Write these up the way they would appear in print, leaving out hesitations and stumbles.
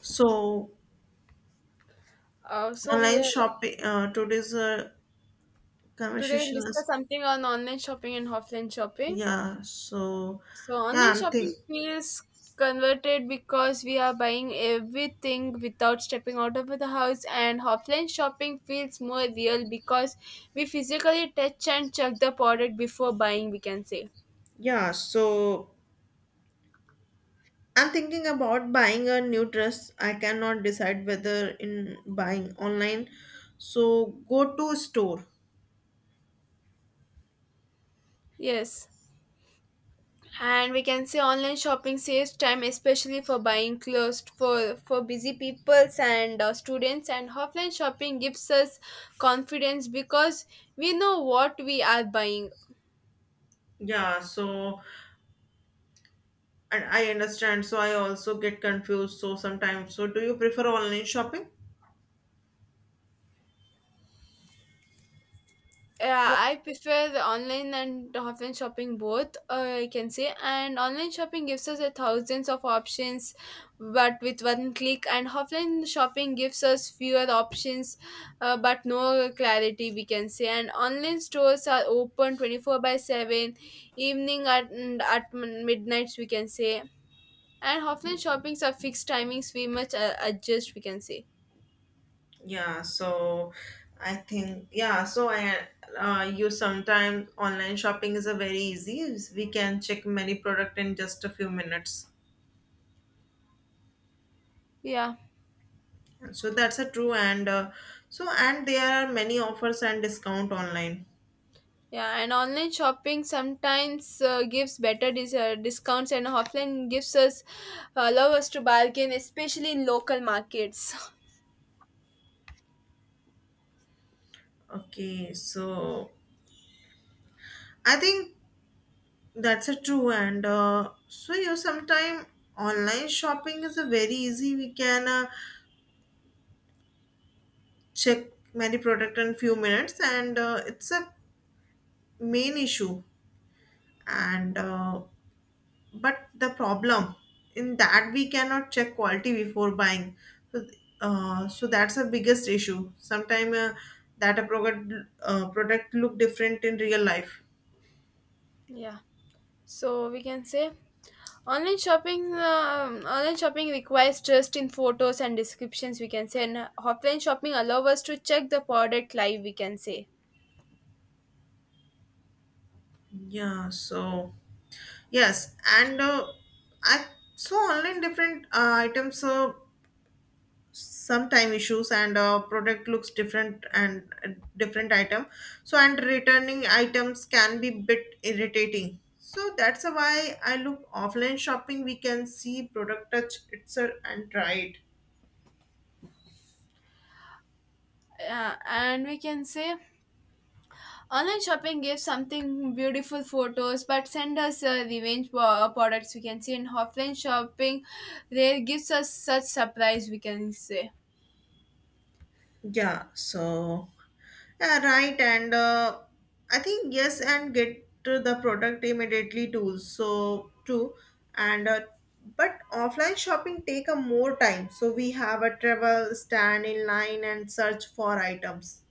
So So we online shopping. Today's Today we'll conversation discuss is something on online shopping and offline shopping. yeah. So So yeah, online I'm think shopping feels converted because we are buying everything without stepping out of the house, and offline shopping feels more real because we physically touch and check the product before buying, we can say. yeah. So I'm thinking about buying a new dress. I cannot decide whether in buying online. So go to store. Yes, and we can say online shopping saves time, especially for buying clothes for busy peoples and students, and offline shopping gives us confidence because we know what we are buying. Yeah. So and I understand. So I also get confused. So sometimes. So do you prefer online shopping? Yeah, I prefer the online and offline shopping both, I can say. And online shopping gives us a thousands of options, but with one click. And offline shopping gives us fewer options, but no clarity, we can say. And online stores are open 24 by 7, evening at midnights, we can say. And offline shoppings are fixed timings, we must adjust, we can say. Yeah, so I think yeah, so I you sometimes online shopping is a very easy. We can check many product in just a few minutes. Yeah. So that's a true and so and there are many offers and discount online. Yeah, and online shopping sometimes gives better discounts, and offline gives us allow us to bargain, especially in local markets. Okay, so I think that's a true and so you sometime online shopping is a very easy. We can check many product in few minutes and it's a main issue and. But the problem in that we cannot check quality before buying so, so that's the biggest issue sometimes that a product product look different in real life Yeah, so we can say online shopping requires trust in photos and descriptions, we can say, and offline shopping allow us to check the product live, we can say. yeah so yes and I saw online different items sometime issues and product looks different and different item so and returning items can be bit irritating so that's why I look offline shopping we can see product touch it sir, and try it. And we can say online shopping gives something beautiful photos, but send us products, we can see. In offline shopping, they gives us such surprise, we can say. Yeah, so yeah, right, and I think yes, and get to the product immediately too. So too, and but offline shopping take a more time. So we have a travel, stand in line, and search for items.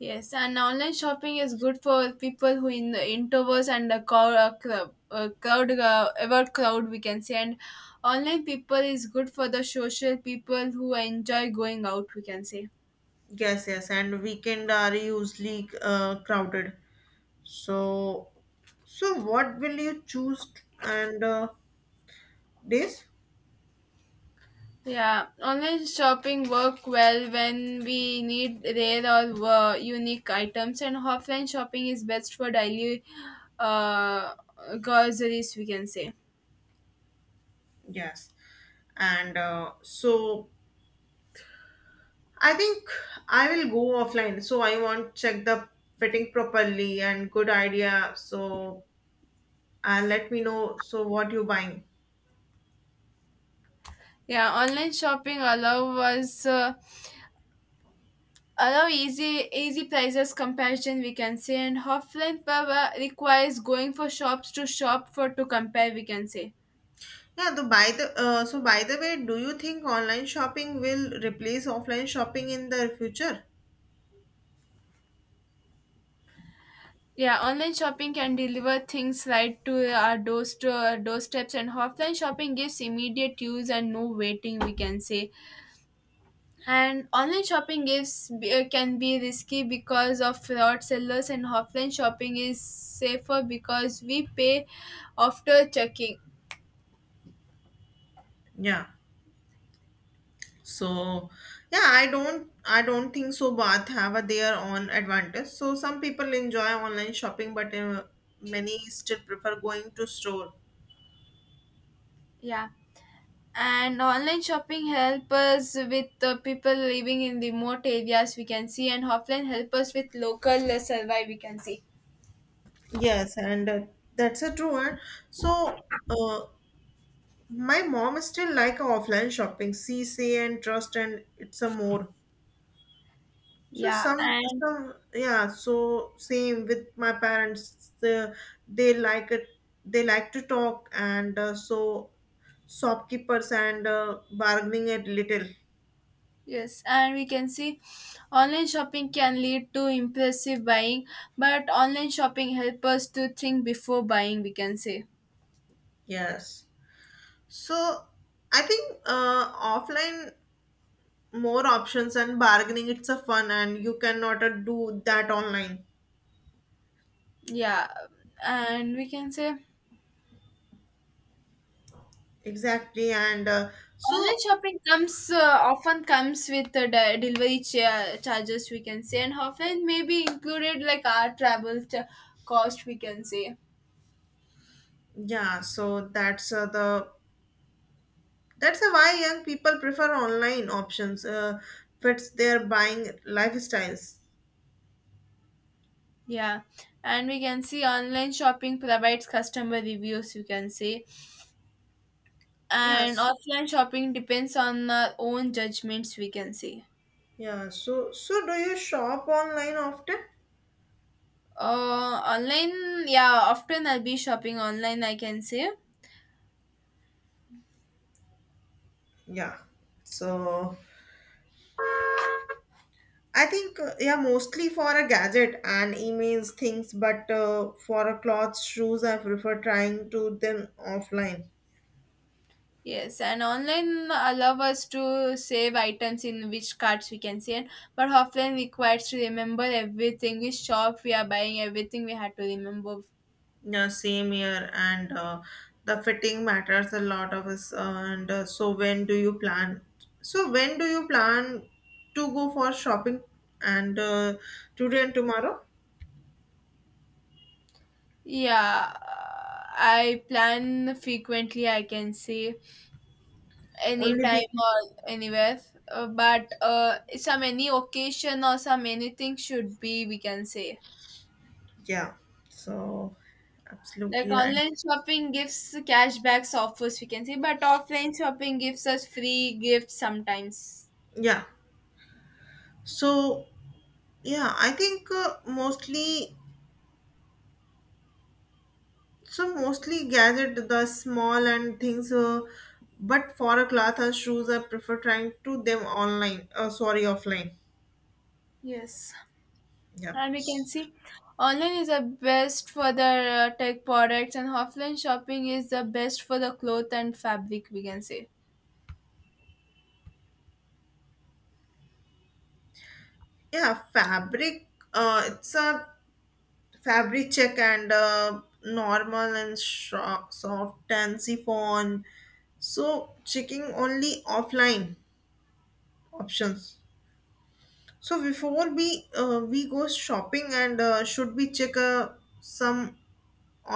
Yes, and online shopping is good for people who in introverts and the crowd, about crowd, we can say. And online people is good for the social people who enjoy going out, we can say. Yes, yes, and weekend are usually crowded. So, so what will you choose? And this, Yeah, online shopping work well when we need rare or unique items, and offline shopping is best for daily uh, groceries, we can say. yes, and so I think I will go offline. So I want check the fitting properly and good idea. So let me know. So what you buying? Yeah, online shopping allow easy prices comparison, we can say, and offline power requires going for shops to shop for to compare, we can say. Yeah. The by the so by the way, do you think online shopping will replace offline shopping in the future? Yeah, online shopping can deliver things right to our doorsteps, and offline shopping gives immediate use and no waiting, we can say. And online shopping gives can be risky because of fraud sellers, and offline shopping is safer because we pay after checking. Yeah. So yeah, I don't think so. Both have a their own advantage. So some people enjoy online shopping, but many still prefer going to store. Yeah, and online shopping help us with the people living in remote areas, we can see, and offline help us with local survive, we can see. Yes, and that's a true one. So, uh, my mom is still like offline shopping. See, say, and trust, and it's a more. So Yeah, and some, yeah. So same with my parents. The, they like it. They like to talk, and so shopkeepers and bargaining it little. yes, and we can see online shopping can lead to impulsive buying, but online shopping help us to think before buying, we can say. Yes. So I think offline more options and bargaining. It's a fun, and you cannot do that online. Yeah, and we can say Exactly, and online so shopping comes with the delivery charges, we can say, and often may be included like our travel cost, we can say. yeah, so that's the that's why young people prefer online options. Fits their buying lifestyles. Yeah, and we can see online shopping provides customer reviews, you can say, and Yes. offline shopping depends on our own judgments, we can say. Yeah. So so do you shop online often? Online, yeah, often I'll be shopping online, I can say. Yeah. So I think yeah, mostly for a gadget and emails things, but for a clothes, shoes, I prefer trying to them offline. Yes, and online allow us to save items in which carts, we can see, but offline requires to remember everything, which shop we are buying everything, we had to remember. Yeah, same here, and the fitting matters a lot of us. And so, when do you plan? So, when do you plan to go for shopping? And today and tomorrow, Yeah, I plan frequently, I can say, only week. anytime or anywhere. But Some any occasion or some anything should be, we can say. Yeah. So, Like absolutely right. online shopping gives cashbacks offers, we can say, but offline shopping gives us free gifts sometimes. Yeah. So, yeah, I think mostly. So mostly gadget the small and things. But for a cloth and shoes, I prefer trying to them online. Sorry, offline. Yes, Yeah. and we can see online is the best for the tech products, and offline shopping is the best for the cloth and fabric, we can say. Yeah, fabric. It's a fabric check and normal and soft and chiffon. So checking only offline options. So before we go shopping and should we check some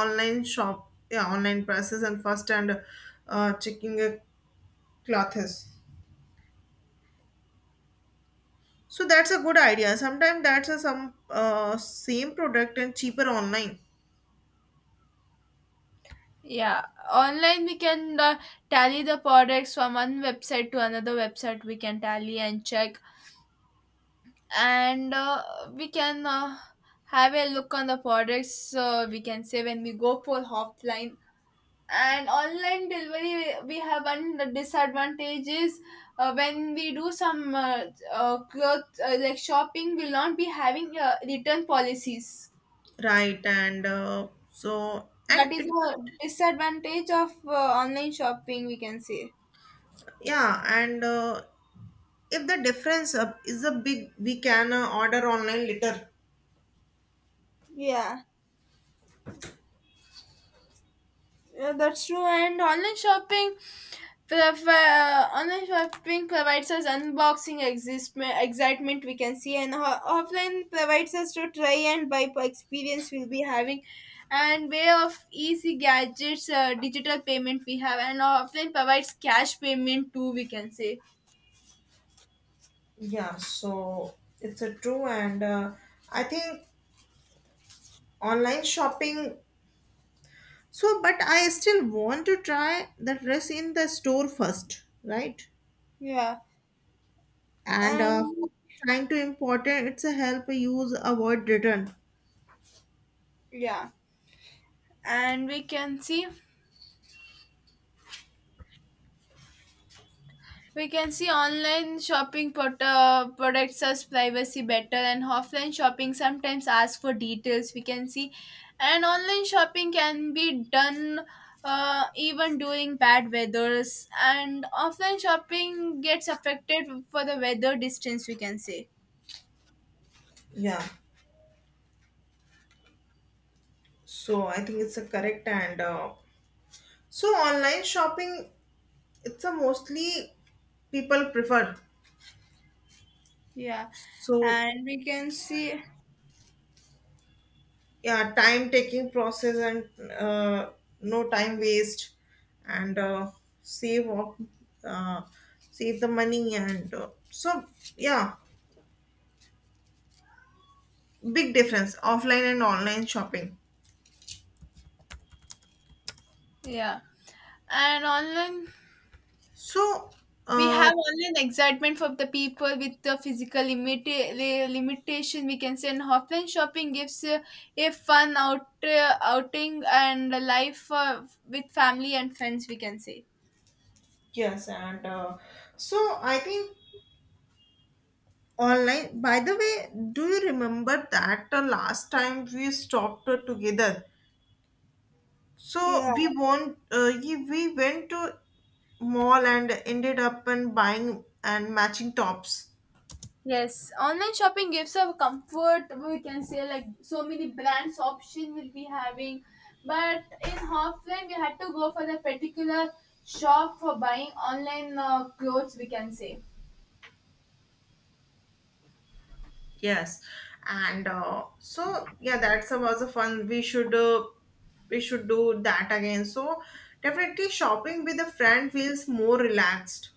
online shop yeah online prices and first and checking clothes. So that's a good idea. Sometimes that's a some same product and cheaper online. Yeah, online we can tally the products from one website to another website. We can tally and check, and we can have a look on the products. We can say when we go for offline and online delivery, we have one disadvantage is when we do some cloth like shopping, we'll not be having return policies. Right, and so That and is it's a disadvantage of online shopping, we can say. yeah, and if the difference is a big, we can order online later. Yeah. Yeah, that's true. And online shopping, online shopping provides us unboxing excitement, we can see, and offline provides us to try and buy experience we'll be having, and way of easy gadgets, digital payment we have, and offline provides cash payment too, we can say. Yeah, so it's a true, and I think online shopping. So, but I still want to try the dress in the store first, right? Yeah, And and trying to important, it's a help use avoid return. yeah, and we can see. We can see online shopping protects us privacy better, and offline shopping sometimes ask for details, we can see. And online shopping can be done even during bad weathers, and offline shopping gets affected for the weather distance, we can say. Yeah, so I think it's a correct and so online shopping it's a mostly people prefer Yeah, so and we can see, yeah time taking process and no time waste and save up uh, save the money and so yeah big difference offline and online shopping yeah, and online so we uh, have only an excitement for the people with the physical limitation, we can say, and offline shopping gives a fun outing and a life with family and friends, we can say. yes and so I think online by the way do you remember that the last time we stopped together. So Yeah. we want we went to mall and ended up and buying and matching tops. Yes, online shopping gives a comfort, we can say, like so many brands option will be having, but in offline we had to go for the particular shop for buying online clothes, we can say. Yes, and so yeah, that's a, was a fun. We should do that again. So definitely shopping with a friend feels more relaxed.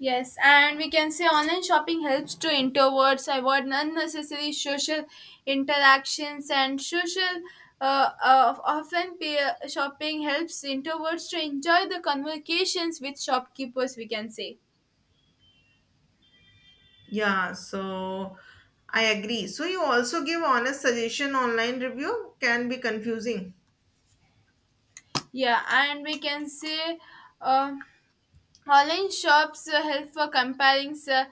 Yes, and we can say online shopping helps to introverts avoid unnecessary social interactions and social. Often, peer shopping helps introverts to enjoy the conversations with shopkeepers, we can say. Yeah, so I agree. So you also give honest suggestion online review can be confusing. Yeah, and we can say, uh, online shops help for comparing.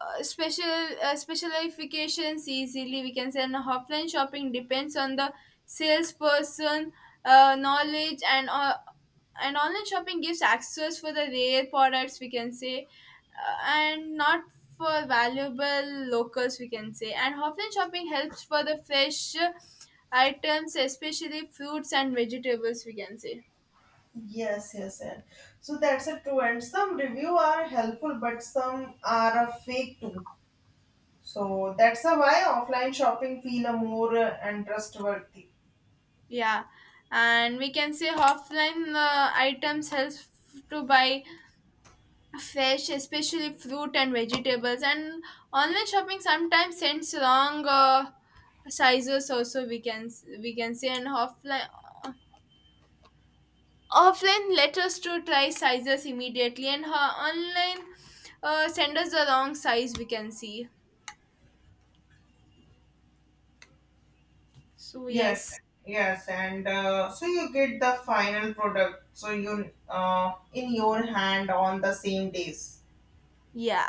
uh, special Specialifications easily, we can say, and offline shopping depends on the salesperson knowledge. And online shopping gives access for the rare products, we can say, and not for valuable locals, we can say, and offline shopping helps for the fresh items, especially fruits and vegetables, we can say. Yes, yes, and so that's a true. And some review are helpful, but some are a fake too. So that's a why offline shopping feel a more and trustworthy. Yeah, and we can say offline items helps to buy fresh, especially fruit and vegetables. And online shopping sometimes sends wrong sizes also, we can say, and offline let us to try sizes immediately, and online send us the wrong size, we can see. So Yes, yes. yes, and so you get the final product, so you in your hand on the same days. Yeah,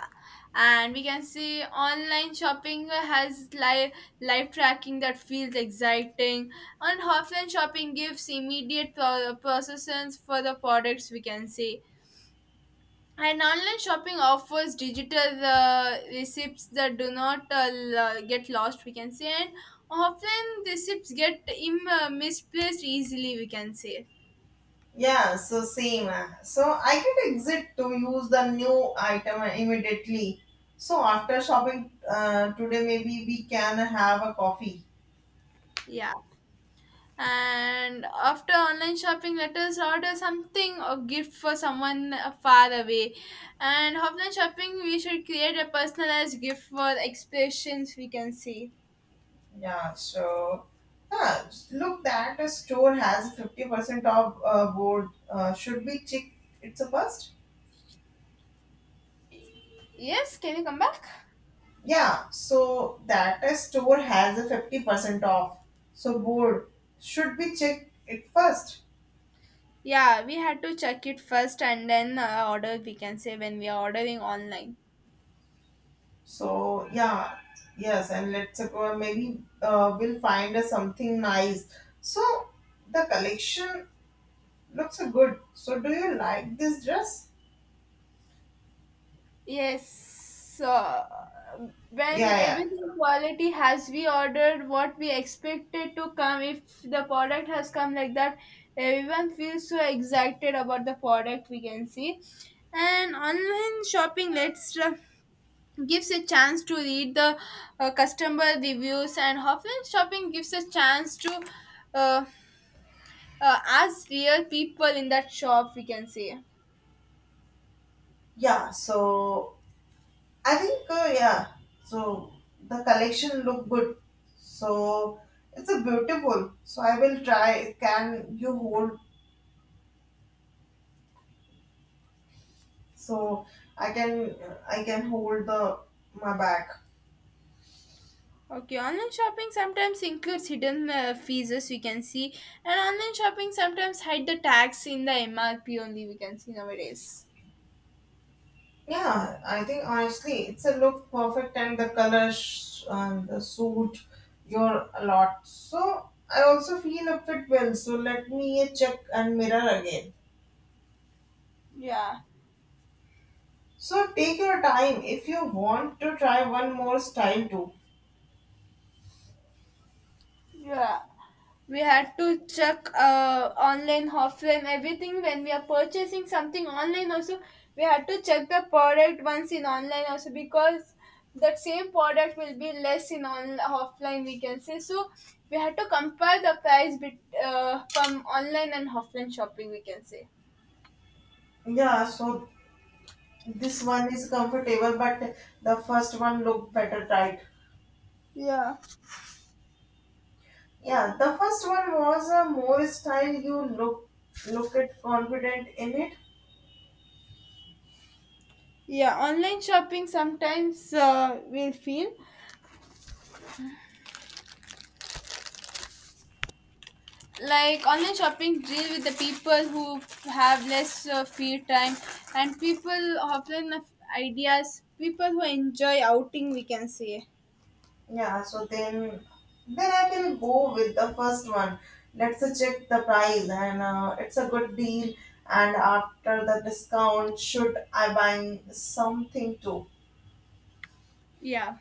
and we can see online shopping has live tracking that feels exciting, and offline shopping gives immediate processes for the products, we can see. And online shopping offers digital receipts that do not get lost, we can see, and offline receipts get misplaced easily, we can say. Yeah, so same. So I can exit to use the new item immediately. So after shopping today, maybe we can have a coffee. Yeah. And after online shopping let us order something or gift for someone far away, and offline shopping we should create a personalized gift for expressions, we can see. Yeah, so yeah, look that a store has 50% of board. Should we check it's a first? Yes, can you come back? Yeah, so that a store has a 50% off. So board should be check it first? Yeah, we had to check it first and then order, we can say, when we are ordering online. So yeah, yes, and let's maybe we'll find something nice. So the collection looks good. So do you like this dress? Yes, when Yeah, yeah, everything quality has we ordered what we expected to come, if the product has come like that, everyone feels so excited about the product, we can see. And online shopping lets gives a chance to read the customer reviews, and offline shopping gives a chance to uh, ask real people in that shop, we can see. yeah. So I think yeah. So the collection look good. So it's a beautiful. So I will try. Can you hold? So I can I can hold the my bag. Okay, online shopping sometimes includes hidden fees, as we can see, and online shopping sometimes hide the tax in the MRP only, we can see nowadays. Yeah, I think honestly it's a look perfect and the colors and the suit your a lot. So I also feel a fit well. So let me check and mirror again. Yeah, So take your time if you want to try one more style too. yeah. We had to check online, offline, everything when we are purchasing something online. Also, we had to check the product once in online also, because that same product will be less in on offline, we can say. So we had to compare the price bit from online and offline shopping, we can say. Yeah, so this one is comfortable, but the first one looked better, right? Yeah, Yeah, the first one was a more style. You look look at confident in it. yeah. Online shopping sometimes will feel like online shopping deal with the people who have less free time, and people often have ideas, people who enjoy outing, we can say. Yeah, so then I will go with the first one. Let's check the price and it's a good deal. And after the discount, should I buy something too? Yeah,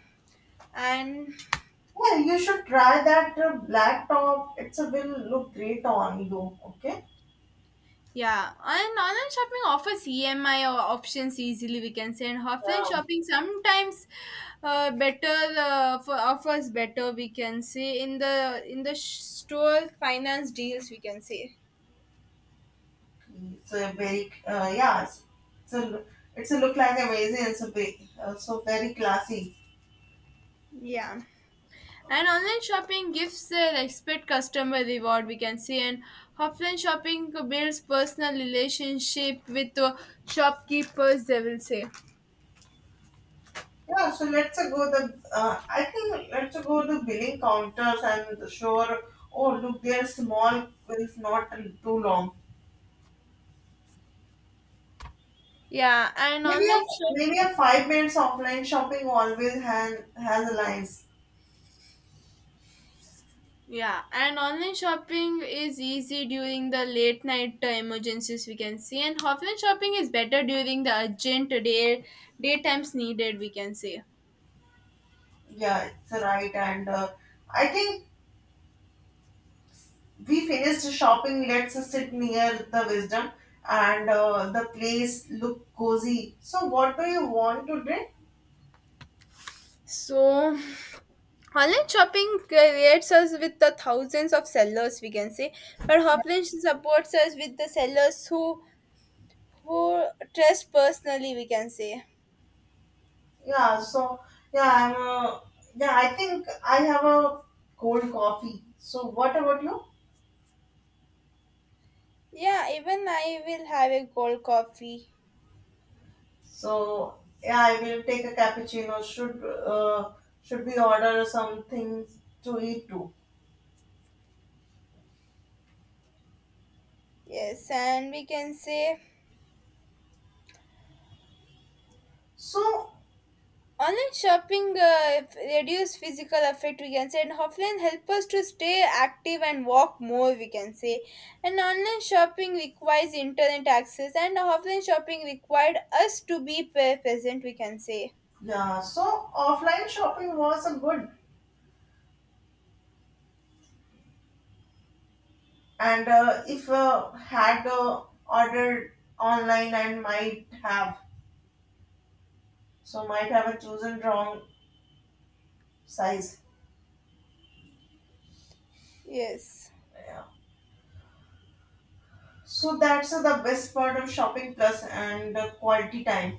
and Yeah, you should try that black top. It's a will look great on you. Okay. yeah, and online shopping offers EMI or options easily, we can say, and offline Yeah. shopping sometimes better for offers better, we can say, in the store finance deals, we can say. So very yeah, it's a it's a look like amazing. It's a big, so very classy. Yeah. And online shopping gives an expert customer reward, we can see, and offline shopping builds personal relationship with the shopkeepers, they will say. Yeah, so let's go the I think let's go the billing counters and sure. Oh look, they're small, if not too long. Yeah, and Maybe a online shop Maybe a 5 minutes offline shopping always has lines. yeah, and online shopping is easy during the late night emergencies, we can see, and offline shopping is better during the urgent daytimes needed, we can say. Yeah, it's right, and I think we finished shopping let's sit near the wisdom and the place look cozy so what do you want to drink So online shopping creates us with the thousands of sellers, we can say, but offline supports us with the sellers who trust personally, we can say. yeah so yeah I'm yeah I think I have a cold coffee so what about you Yeah, even I will have a cold coffee. so yeah I will take a cappuccino should we order something to eat too Yes, and we can say so online shopping reduce physical effect, we can say, and offline help us to stay active and walk more, we can say. And online shopping requires internet access, and offline shopping required us to be present, we can say. yeah so offline shopping was a good and if had ordered online and might have so might have a chosen wrong size Yes. yeah so that's the best part of shopping plus and quality time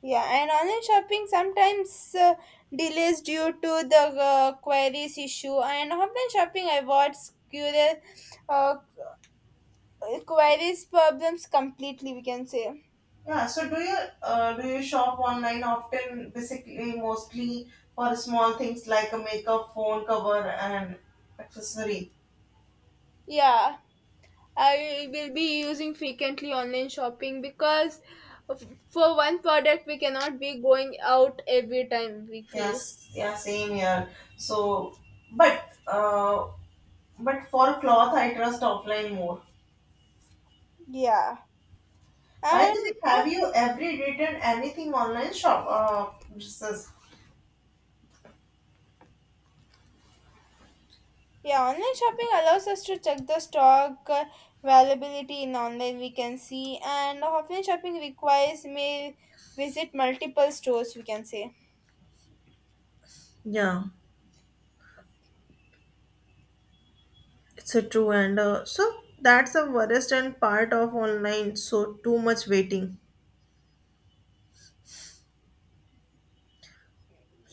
Yeah, and online shopping sometimes delays due to the queries issue. And offline shopping avoids curious uh, queries problems completely, we can say. yeah so do you shop online often basically mostly for small things like a makeup phone cover and accessory Yeah, I will be using frequently online shopping of- for one product we cannot be going out every time we feel. yes yeah same here so but uh, but for cloth I trust offline more. Yeah, By the and way, have you ever written anything online shop? This Yeah, online shopping allows us to check the stock availability in online we can see, and offline shopping requires may visit multiple stores, we can say. yeah, it's a true and so that's the worst and part of online. So too much waiting.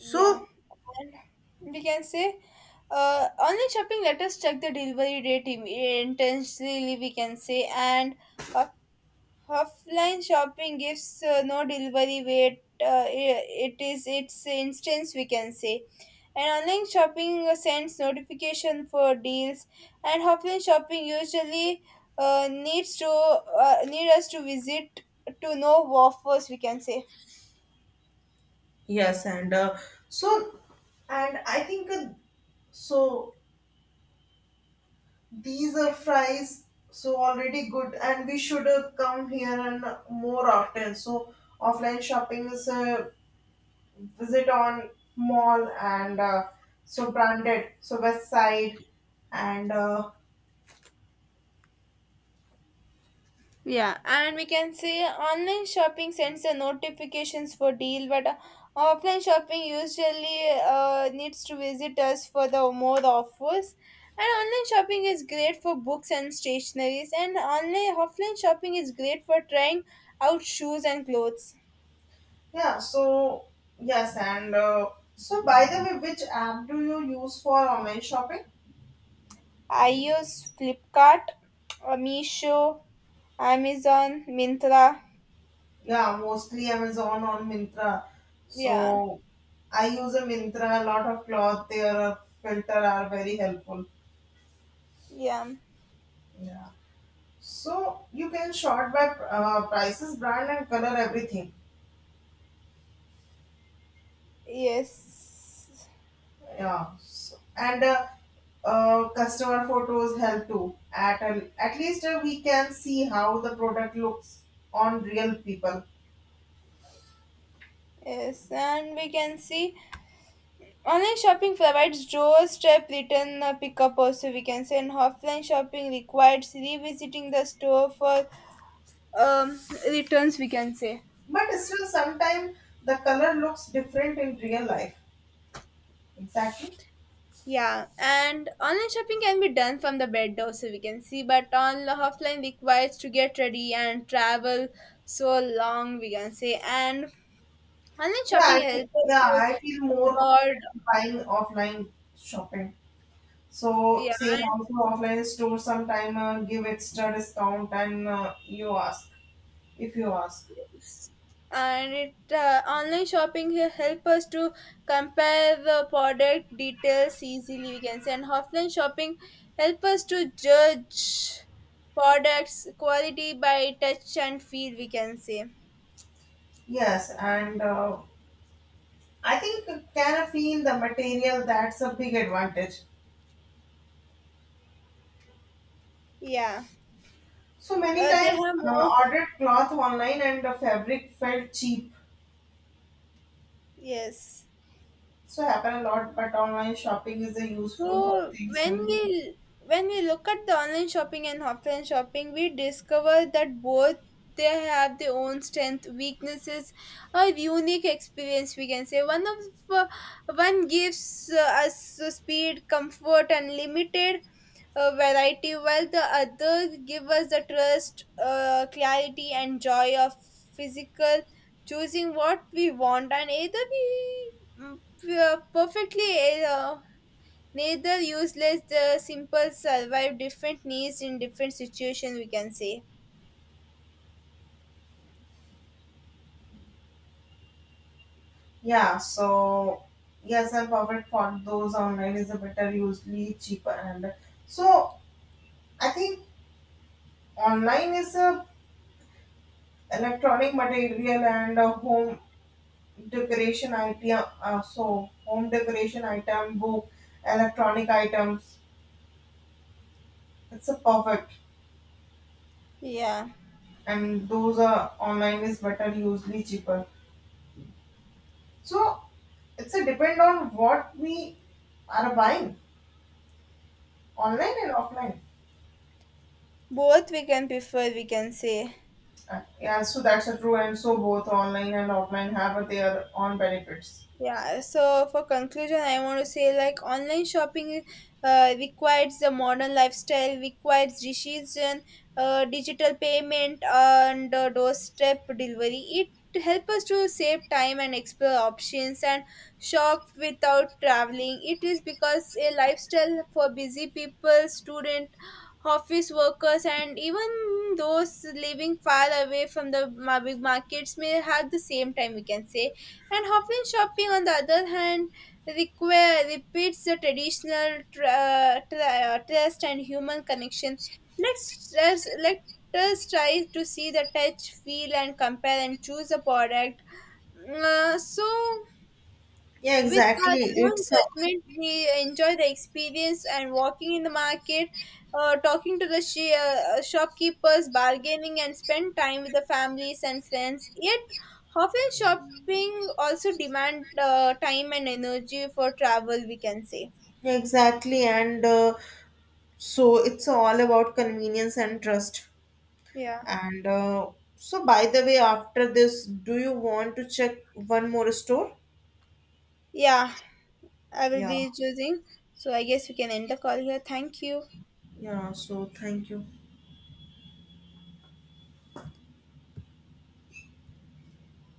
Yeah. And we can say online shopping let us check the delivery date intensely, we can say, and uh, offline shopping gives no delivery wait, it is its instance, we can say, and online shopping sends notification for deals and offline shopping usually need us to visit to know offers, we can say. yes, and so, and I think so. These are fries, so already good, and we should come here and more often. So offline shopping is visit on mall and so branded so west side and Yeah, and we can say online shopping sends the notifications for deal, but offline shopping usually needs to visit us for the more offers. And online shopping is great for books and stationaries, and online offline shopping is great for trying out shoes and clothes. yeah so yes and so by the way which app do you use for online shopping I use Flipkart, Meesho, Amazon, Mintra. yeah mostly amazon or mintra so Yeah, I use a mintra a lot of cloth their filter are very helpful yeah, yeah so you can sort by prices brand and color everything. yes, Yeah, so, and customer photos help too. At an, at least we can see how the product looks on real people. yes, and we can see online shopping provides doorstep return pickup also, we can say, and offline shopping requires revisiting the store for um, returns, we can say. But still, sometimes the color looks different in real life. Exactly. Yeah, and online shopping can be done from the bed also, we can see, but on offline requires to get ready and travel so long, we can say, and online Yeah, shopping I feel, helps us yeah, to I feel more avoid, confident buying offline shopping. So yeah, same also offline store sometime give extra discount and you ask if you ask. and it online shopping here help us to compare the product details easily, we can say, and offline shopping help us to judge products quality by touch and feel, we can say. Yes, and I think can the material that's a big advantage. Yeah, So many they time have more, ordered cloth online and the fabric felt cheap. yes. So happen a lot, but online shopping is a useful for So things when and we when we look at the online shopping and offline shopping, we discover that both they have their own strength, weaknesses, a unique experience. We can say uh, one gives us speed, comfort, and limited variety, while the other give us the trust, clarity, and joy of physical choosing what we want, and either we mm, we are perfectly neither useless, the simple survive different needs in different situations, we can say. yeah. So yes, and fabric for those online is a better, usually cheaper and so I think online is a electronic material and a home decoration item. So home decoration item book electronic items it's a perfect, Yeah. and those are online is better, usually cheaper. So it's a depend on what we are buying online and offline. Both we can prefer, we can say. Yeah, so that's a true, and so both online and offline have their own benefits. Yeah, so for conclusion, I want to say like online shopping requires the modern lifestyle, requires decision, digital payment, and doorstep delivery. It helps us to save time and explore options and shop without traveling. It is because a lifestyle for busy people, student, office workers, and even those living far away from the big markets may have the same time, we can say, and offline shopping, on the other hand, require repeats the traditional trust and human connection. Let us try to see the touch, feel, and compare and choose a product. So Yeah, with our exactly. own It's a, judgment, we enjoy the experience and walking in the market, talking to the shopkeepers, bargaining, and spend time with the families and friends. Yet, often shopping also demand time and energy for travel, we can say. exactly, and so it's all about convenience and trust. Yeah, And so, by the way, after this, do you want to check one more store? yeah. I will Yeah, be choosing. So I guess we can end the call here. Thank you. yeah. So, thank you.